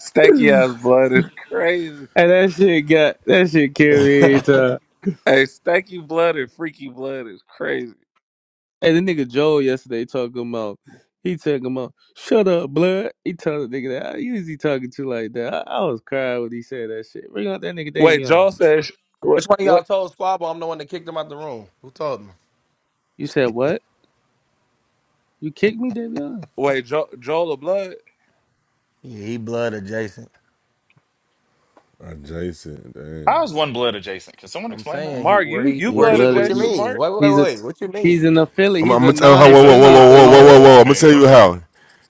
Steaky ass blood is crazy.
and that shit got that shit killed me every time
Hey, steaky blood and freaky blood is crazy.
and the nigga Joel yesterday talking about he talking about shut up blood he told the nigga that you is he talking to like that I, I was crying when he said that shit bring out that nigga
Wait,
Davion
Joel says what?
Which one of
What?
y'all told Squabble I'm the one that kicked him out the room? Who told him?
you said what you kicked me Davion
Wait, jo- Joel of Blood?
Yeah, he blood adjacent.
Adjacent,
How
damn.
is one blood adjacent? Can someone
I'm
explain that?
saying he
Mark,
where
you
he
you
He
where
blood
he what
blooded.
you
adjacent,
He,
mean?
Mark?
Wait, wait,
he's a
wait. What you
he's
mean?
an affiliate.
I'm, I'm
He's a
gonna tell how.
He's
Whoa,
a
whoa, whoa, whoa,
non-affiliate,
non
but
whoa, whoa,
he
whoa,
oh,
whoa. I'm gonna
okay,
tell you
okay.
how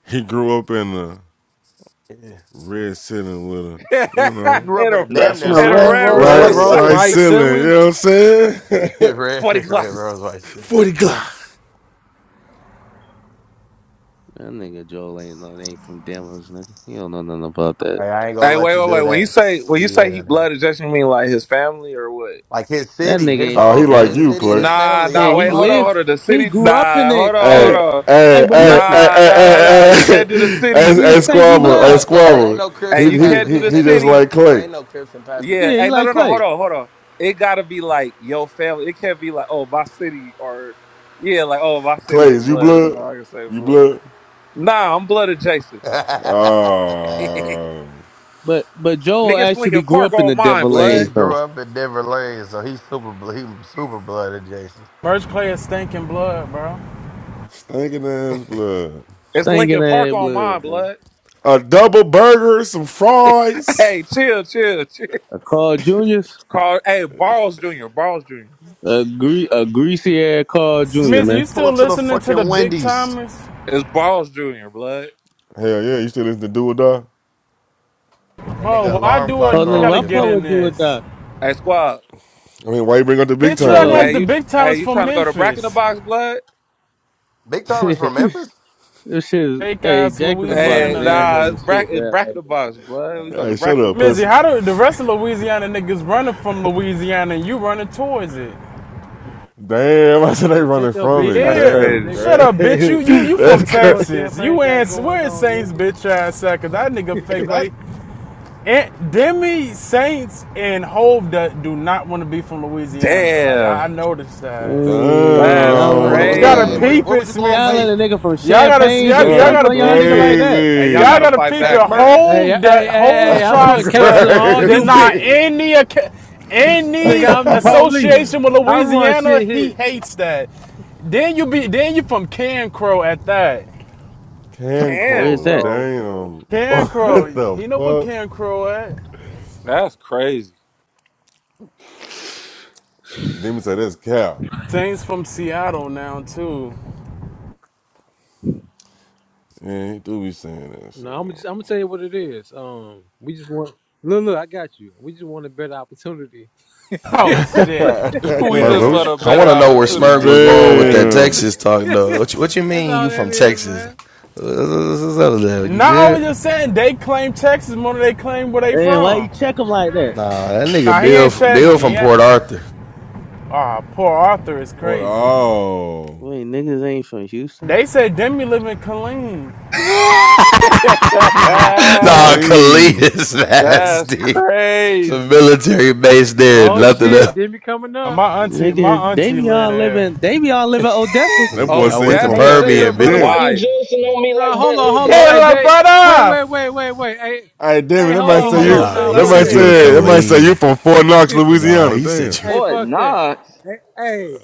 he grew up in the
Yeah.
red ceiling with a,
and
you
He
know,
grew up in a
a red
damn
That's
In
near
what's
a
and a
up.
red
red
red
rose,
city.
Red
right,
rose.
white
rose,
What?
right
ceiling.
white
ceiling. You
ceiling.
know what I'm saying?
red
Forty
red
clock.
Rose White City.
Forty Glock.
that nigga Joel ain't no ain't from Denver, nigga. He don't know nothing about that.
Like, I ain't gonna
Hey,
let
wait,
you
wait,
do
wait. When you
that.
say when you
Yeah,
say he
nigga.
blood adjacent, you mean like his family or what?
Like his
That
city,
nigga
his
ain't
Oh, he
from
whole
like
his
Denver.
you,
city and
Clay.
his
Nah,
family
Yeah,
nah.
all
he
Wait, hold on,
lived.
hold
bloods.
on. The
He
city.
grew up in
Nah,
it.
hold on,
Hey,
Hey,
hold on.
hey,
hey,
but
hey,
listen,
hey,
Nah,
hey,
nah, nah, nah. You
hey,
can't do the
hey, hey,
city.
he a
hey,
stanky
But
squabble, hey,
blood.
Roscoe's
Hey,
ain't
squabble.
no Crips
hey,
He,
in
you
he,
can't do
he,
the
Pasadena,
he just
nigga.
city.
like
It
Clay.
ain't no Crips in
Yeah.
Yeah,
Pasadena.
he
Hey, no,
like
no, no.
Clay.
Hold on, hold on. It gotta be like your family. It can't be like oh my city or yeah, like oh my
Clay,
city is
is you
blood. So
blood?
I can say
You
blood.
blood?
Nah, I'm blood adjacent though. Nigga,
Oh,
But but Joel
it's
actually
Lincoln
grew
Park
up in
on
the Denver
mine,
Yeah,
blood.
he
lane. So
grew up in Denver Lane, so he's super. bl- He was super blooded, Jason.
Merch Clay is stinking blood, bro.
stinking ass blood.
It's
Stinking
Lincoln Park
ass
on mine,
blood, man.
blood.
A double burger, some fries.
Hey, chill, chill, chill.
A Carl Junior's
Call, hey, Balls Junior, Balls Junior.
a gre- a greasy ass Carl Junior,
Said,
Smizzy,
man.
you
"Pull
still
up to the
listening to the
fucking
big
Wendy's."
timers?
It's Balls Junior, blood.
Hell yeah, you still listen to Do or Die?
That
Bro,
nigga
why
alarm
do I
clock
Oh
I
no, no,
gotta
song
I
is
get
fuck
no.
in
with do or
this?
die.
Hey, squad.
I mean, why you bring up the big
Bitch, you
time,
act like
Hey,
Yo.
nigga?
the
you,
big
hey,
timers
you
from
trying to go to Brack in the
Memphis.
Box, blood?
Big Timers from Memphis.
This shit is,
Fake
hey,
ass
Jack in the Box
Hey,
Louisiana
nah,
nigga.
nasty
it's
as
Brack,
shit
it's
now. I
Brack in the
ain't
Box, blood.
gonna lie.
We go to
Hey,
Brack
shut
in the
up,
Box.
Mizzy,
pussy.
how do the rest of Louisiana niggas running from Louisiana and you running towards it?
Damn, I said they
Hey,
running
shut your
from
bitch
it.
That's
ass
Yeah.
up,
Damn, that's
crazy.
That
Shut
nigga.
nigga.
up, bitch.
crazy.
You you you
that's
from
What the fuck
crazy.
Texas.
champagne
You
got
ain't
going
where is
on,
Saints
nigga?
bitch ass at? that nigga
Take it
fake
back.
like and Demi Saints and Hove that do not want to be from Louisiana. Like I, I
Damn,
noticed that.
Dang,
that's
y'all
Yeah,
letting
what,
a
what's up?
nigga
gotta
Hey,
from,
where,
crazy.
peep
Damn.
where
it,
was you going?
y'all
Smizzy.
Wait,
letting a nigga from
Y'all gotta
Champagne
y'all,
just
y'all
dunk
That's
gotta
on y'all
peep
nigga like
it.
that.
Hey, y'all
Y'all
crazy.
gotta
gotta
fight
peep
hey,
it.
back,
Smirk.
man.
Hey, hey,
Hove
hey,
the
hey,
Hove
I'm putting
tries
cases
to
on all you
deny
Crazy.
bitches.
any
Nigga,
any
I'm the police.
association with
I run
Louisiana.
shit
He
here.
Oh,
hates that. Then you be then you from Can Crow at that.
Can
yeah.
Can
Where's
crow,
that?
Crow.
damn.
Can Crow,
What the
he know what
fuck?
Can Crow at.
That's crazy.
Demon said that's cow.
Things from Seattle now too.
Yeah, he do be saying that
No, I'm
shit,
just I'm gonna tell you what it is. Um we just want look look, I got you. We just want a better opportunity. that's,
Oh
that's
shit.
we
Smirk,
just
where was
want
you?
a
I
better
want to know where
man.
Smirk
opportunity
was
is
going with that
crazy.
damn.
Texas talk, though. What you, what you mean
all
you
that
from
is,
Texas?
man.
What's up with that? You
Not only
good?
just saying they claim Texas more than they claim where they
Hey, why you
from.
check him like that?
Nah, that nigga
Nah, he
Bill,
ain't checked
Bill
me.
from
He ain't,
Port Arthur.
Ah, poor Arthur is
Hold
crazy.
on.
Wait, niggas ain't from Houston?
They said Demi live in Killeen.
nah, Khalid
Colleen.
is
That's
nasty. It's a
crazy.
military base there, and
Oh
nothing
shit,
else.
Demi coming
And
up.
my auntie,
Nigga,
my
they
auntie
be
live
all
there.
living, they be all living Odessa.
That boy
Yeah, I
say
went
he
to
I
from
ain't
Odessa
say, little
is
Permian,
brother,
bitch.
why
Damn.
you
wild.
joking on me like
No,
that,
hold on,
little
hold on.
brother?
Hey,
Hello,
they, wait,
brother.
wait, wait, wait, wait. Hey,
All right, damn it.
hey,
That
hold
Why
might
on,
you
say
hold
you.
on.
Nah,
joking
No,
he
That
like
fuck
might
said you
that,
that?
were
say.
fuck
That
that.
might say
clean.
you from Fort Knox,
Nah,
Louisiana.
he said
Damn.
you.
Hey,
Fort
fuck that.
Knox.
Hey, hey,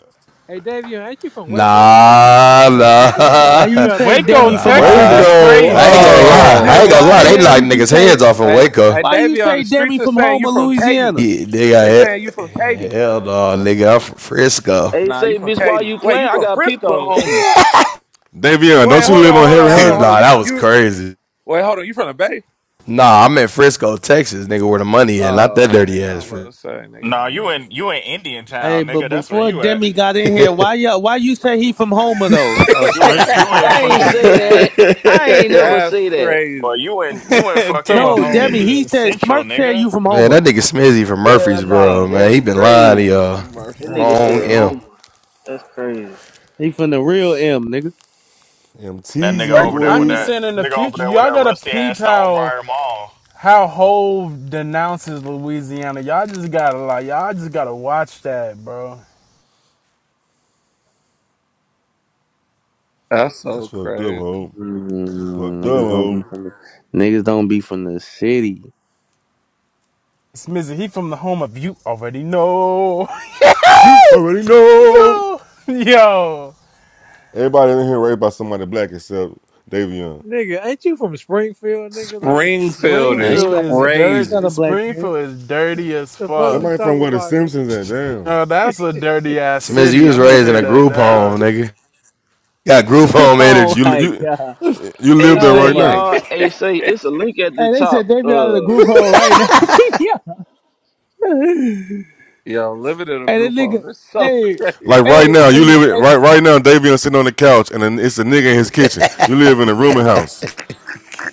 hey, Davion, ain't you from Waco? Like, mute the
Nah,
fuck up,
nah,
nigga.
Why
Mute
you
up,
say
nigga.
Waco,
Demi from
Texas
Homer?
is
nah.
Waco.
And I ain't
Hey,
crazy.
gonna
Hey,
hey,
hey,
lie. I ain't
Smart,
Oh.
gonna
Davion,
why
lie.
the
They
hey,
hell
knocked
did you
niggas'
say,
heads off in
hey,
Waco.
hey,
why you
Davion,
say
the
Demi
streets are
from
saying you
Homer,
from Katy.
Louisiana?
He, they
They saying you
got he-
from Katy.
hell no, nigga. I'm from Frisco.
They
Nah, you
say,
from
bitch, why
Katy.
you
Wait, you
playing? I
from
got people at
Frisco?
home.
nah,
Davion,
Wait,
don't you
hold
live
on,
on
hold
Harry
on, hold on, hold on.
Hines?
You, fr-
that was
you,
crazy.
wait, hold on. You from the Bay?
Nah, I'm in Frisco, Texas, nigga, where the money at. Not that
Oh,
dirty
nigga,
ass.
I'm about
Fr-
to say,
Nah, you
nigga.
in you in Indian
Hey,
town,
but
nigga. That's where
before
you at.
Demi got in here, why you why you say he from Homer though? Uh,
You
Smirk.
in you in
I ain't
fucking
say that. I ain't never
That's
say that.
boy,
crazy.
you in you in
to a
No,
fucking
Demi.
homer.
He
Indian
said
Central,
Smirk said you
nigga.
from
Man,
Homer.
that nigga Smizzy from
Hell
Murfreesboro,
nah,
man.
that's
He been lying to
crazy.
y'all.
That nigga
Wrong
said
Murfreesboro.
M.
homo. That's crazy.
He from the real M, nigga.
That nigga
MTZ,
over there with
I'm just
boy.
that
saying, in the
nigga over
future,
there with
y'all
that
gotta
rusty
peep
ass
how
Stonebriar Mall.
how Hove denounces Louisiana. Y'all just gotta like, y'all just gotta watch that, bro.
That's
That's
so
fucked up,
crazy.
ho. You fucked up,
Mm, niggas don't be
ho.
from the niggas don't be from the city.
Smizzy, he from the home of you already know.
You already know.
yo, yo.
Everybody in here raised by somebody black except Davion.
Nigga, ain't you from Springfield, nigga? Like, shut
Springfield
I
your ass.
is
ain't
Springfield
got a,
is
I ain't got
crazy.
a
dirt.
black parent.
Springfield is dirty as
the fuck
fuck.
we
Somebody from
talking
where the
about, nigga?
Simpsons at, damn.
No, that's a dirty ass
Smizzy, you
city.
was
I'm gonna
raised in
tear
a
that
group home,
down.
nigga. Got group home
oh
energy.
You
my
you
god.
you live
Hey,
there
say
Oh
right
my
now.
y'all.
god.
Hey, say it's a link at the
Hey, they
top.
said they be out of the
Uh,
group home right now. yeah.
Yo, living in a
Hey, that
group
nigga.
home, that's so
Hey,
crazy.
Like right
hey,
now, you
hey,
live it
hey,
right right now. Davion sitting on the couch, and then it's a nigga in his kitchen. You live in a rooming house.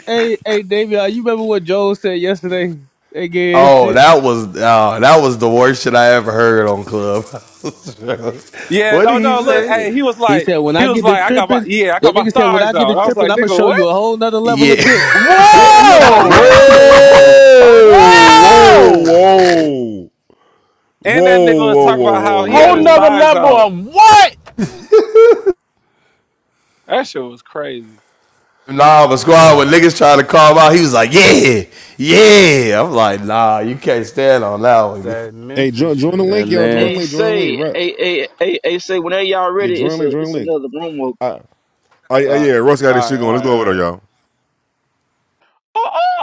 hey, hey, Davey, you remember what Joe said yesterday? That gay ass
oh,
shit.
that was oh, that was the worst shit I ever heard on Clubhouse.
Yeah,
what
oh
did he
no,
He
look,
say?
said,
hey, he was
he
like,
said, when
he
I
was
get the
like, I got my,
tripping,
yeah, I
that
got my
nigga said, when I
thighs
get the
out. I was
tripping,
like,
I'm gonna
nigga,
show you a
what?
whole nother level
Yeah.
of dick.
Yeah,
Like,
he was like,
Whoa,
yeah, I was
Whoa!
like, what the fuck?
whoa,
Whoa!
whoa!
And that nigga
Whoa,
was
whoa,
talking
whoa,
about
whoa,
how he
Whole
had his
nother
whoa.
thighs
level
out.
of what?
That shit was crazy.
Nah, but squad when niggas trying to call him out, he was like, "Yeah, yeah." I'm like, "Nah, you can't stand on that one."
That
Hey,
Memphis
join, join the
shit.
link,
and
y'all. Join
nasty.
the
hey,
link. Join the link.
say,
Right.
hey, hey, hey, hey, say whenever y'all
Yeah,
ready,
join the
it's
link.
a,
Join
it's
the link.
another room open.
I, I,
Uh,
I-
all
yeah, Russ got his shit
right,
going.
all
Let's go over there,
right,
y'all.
all right.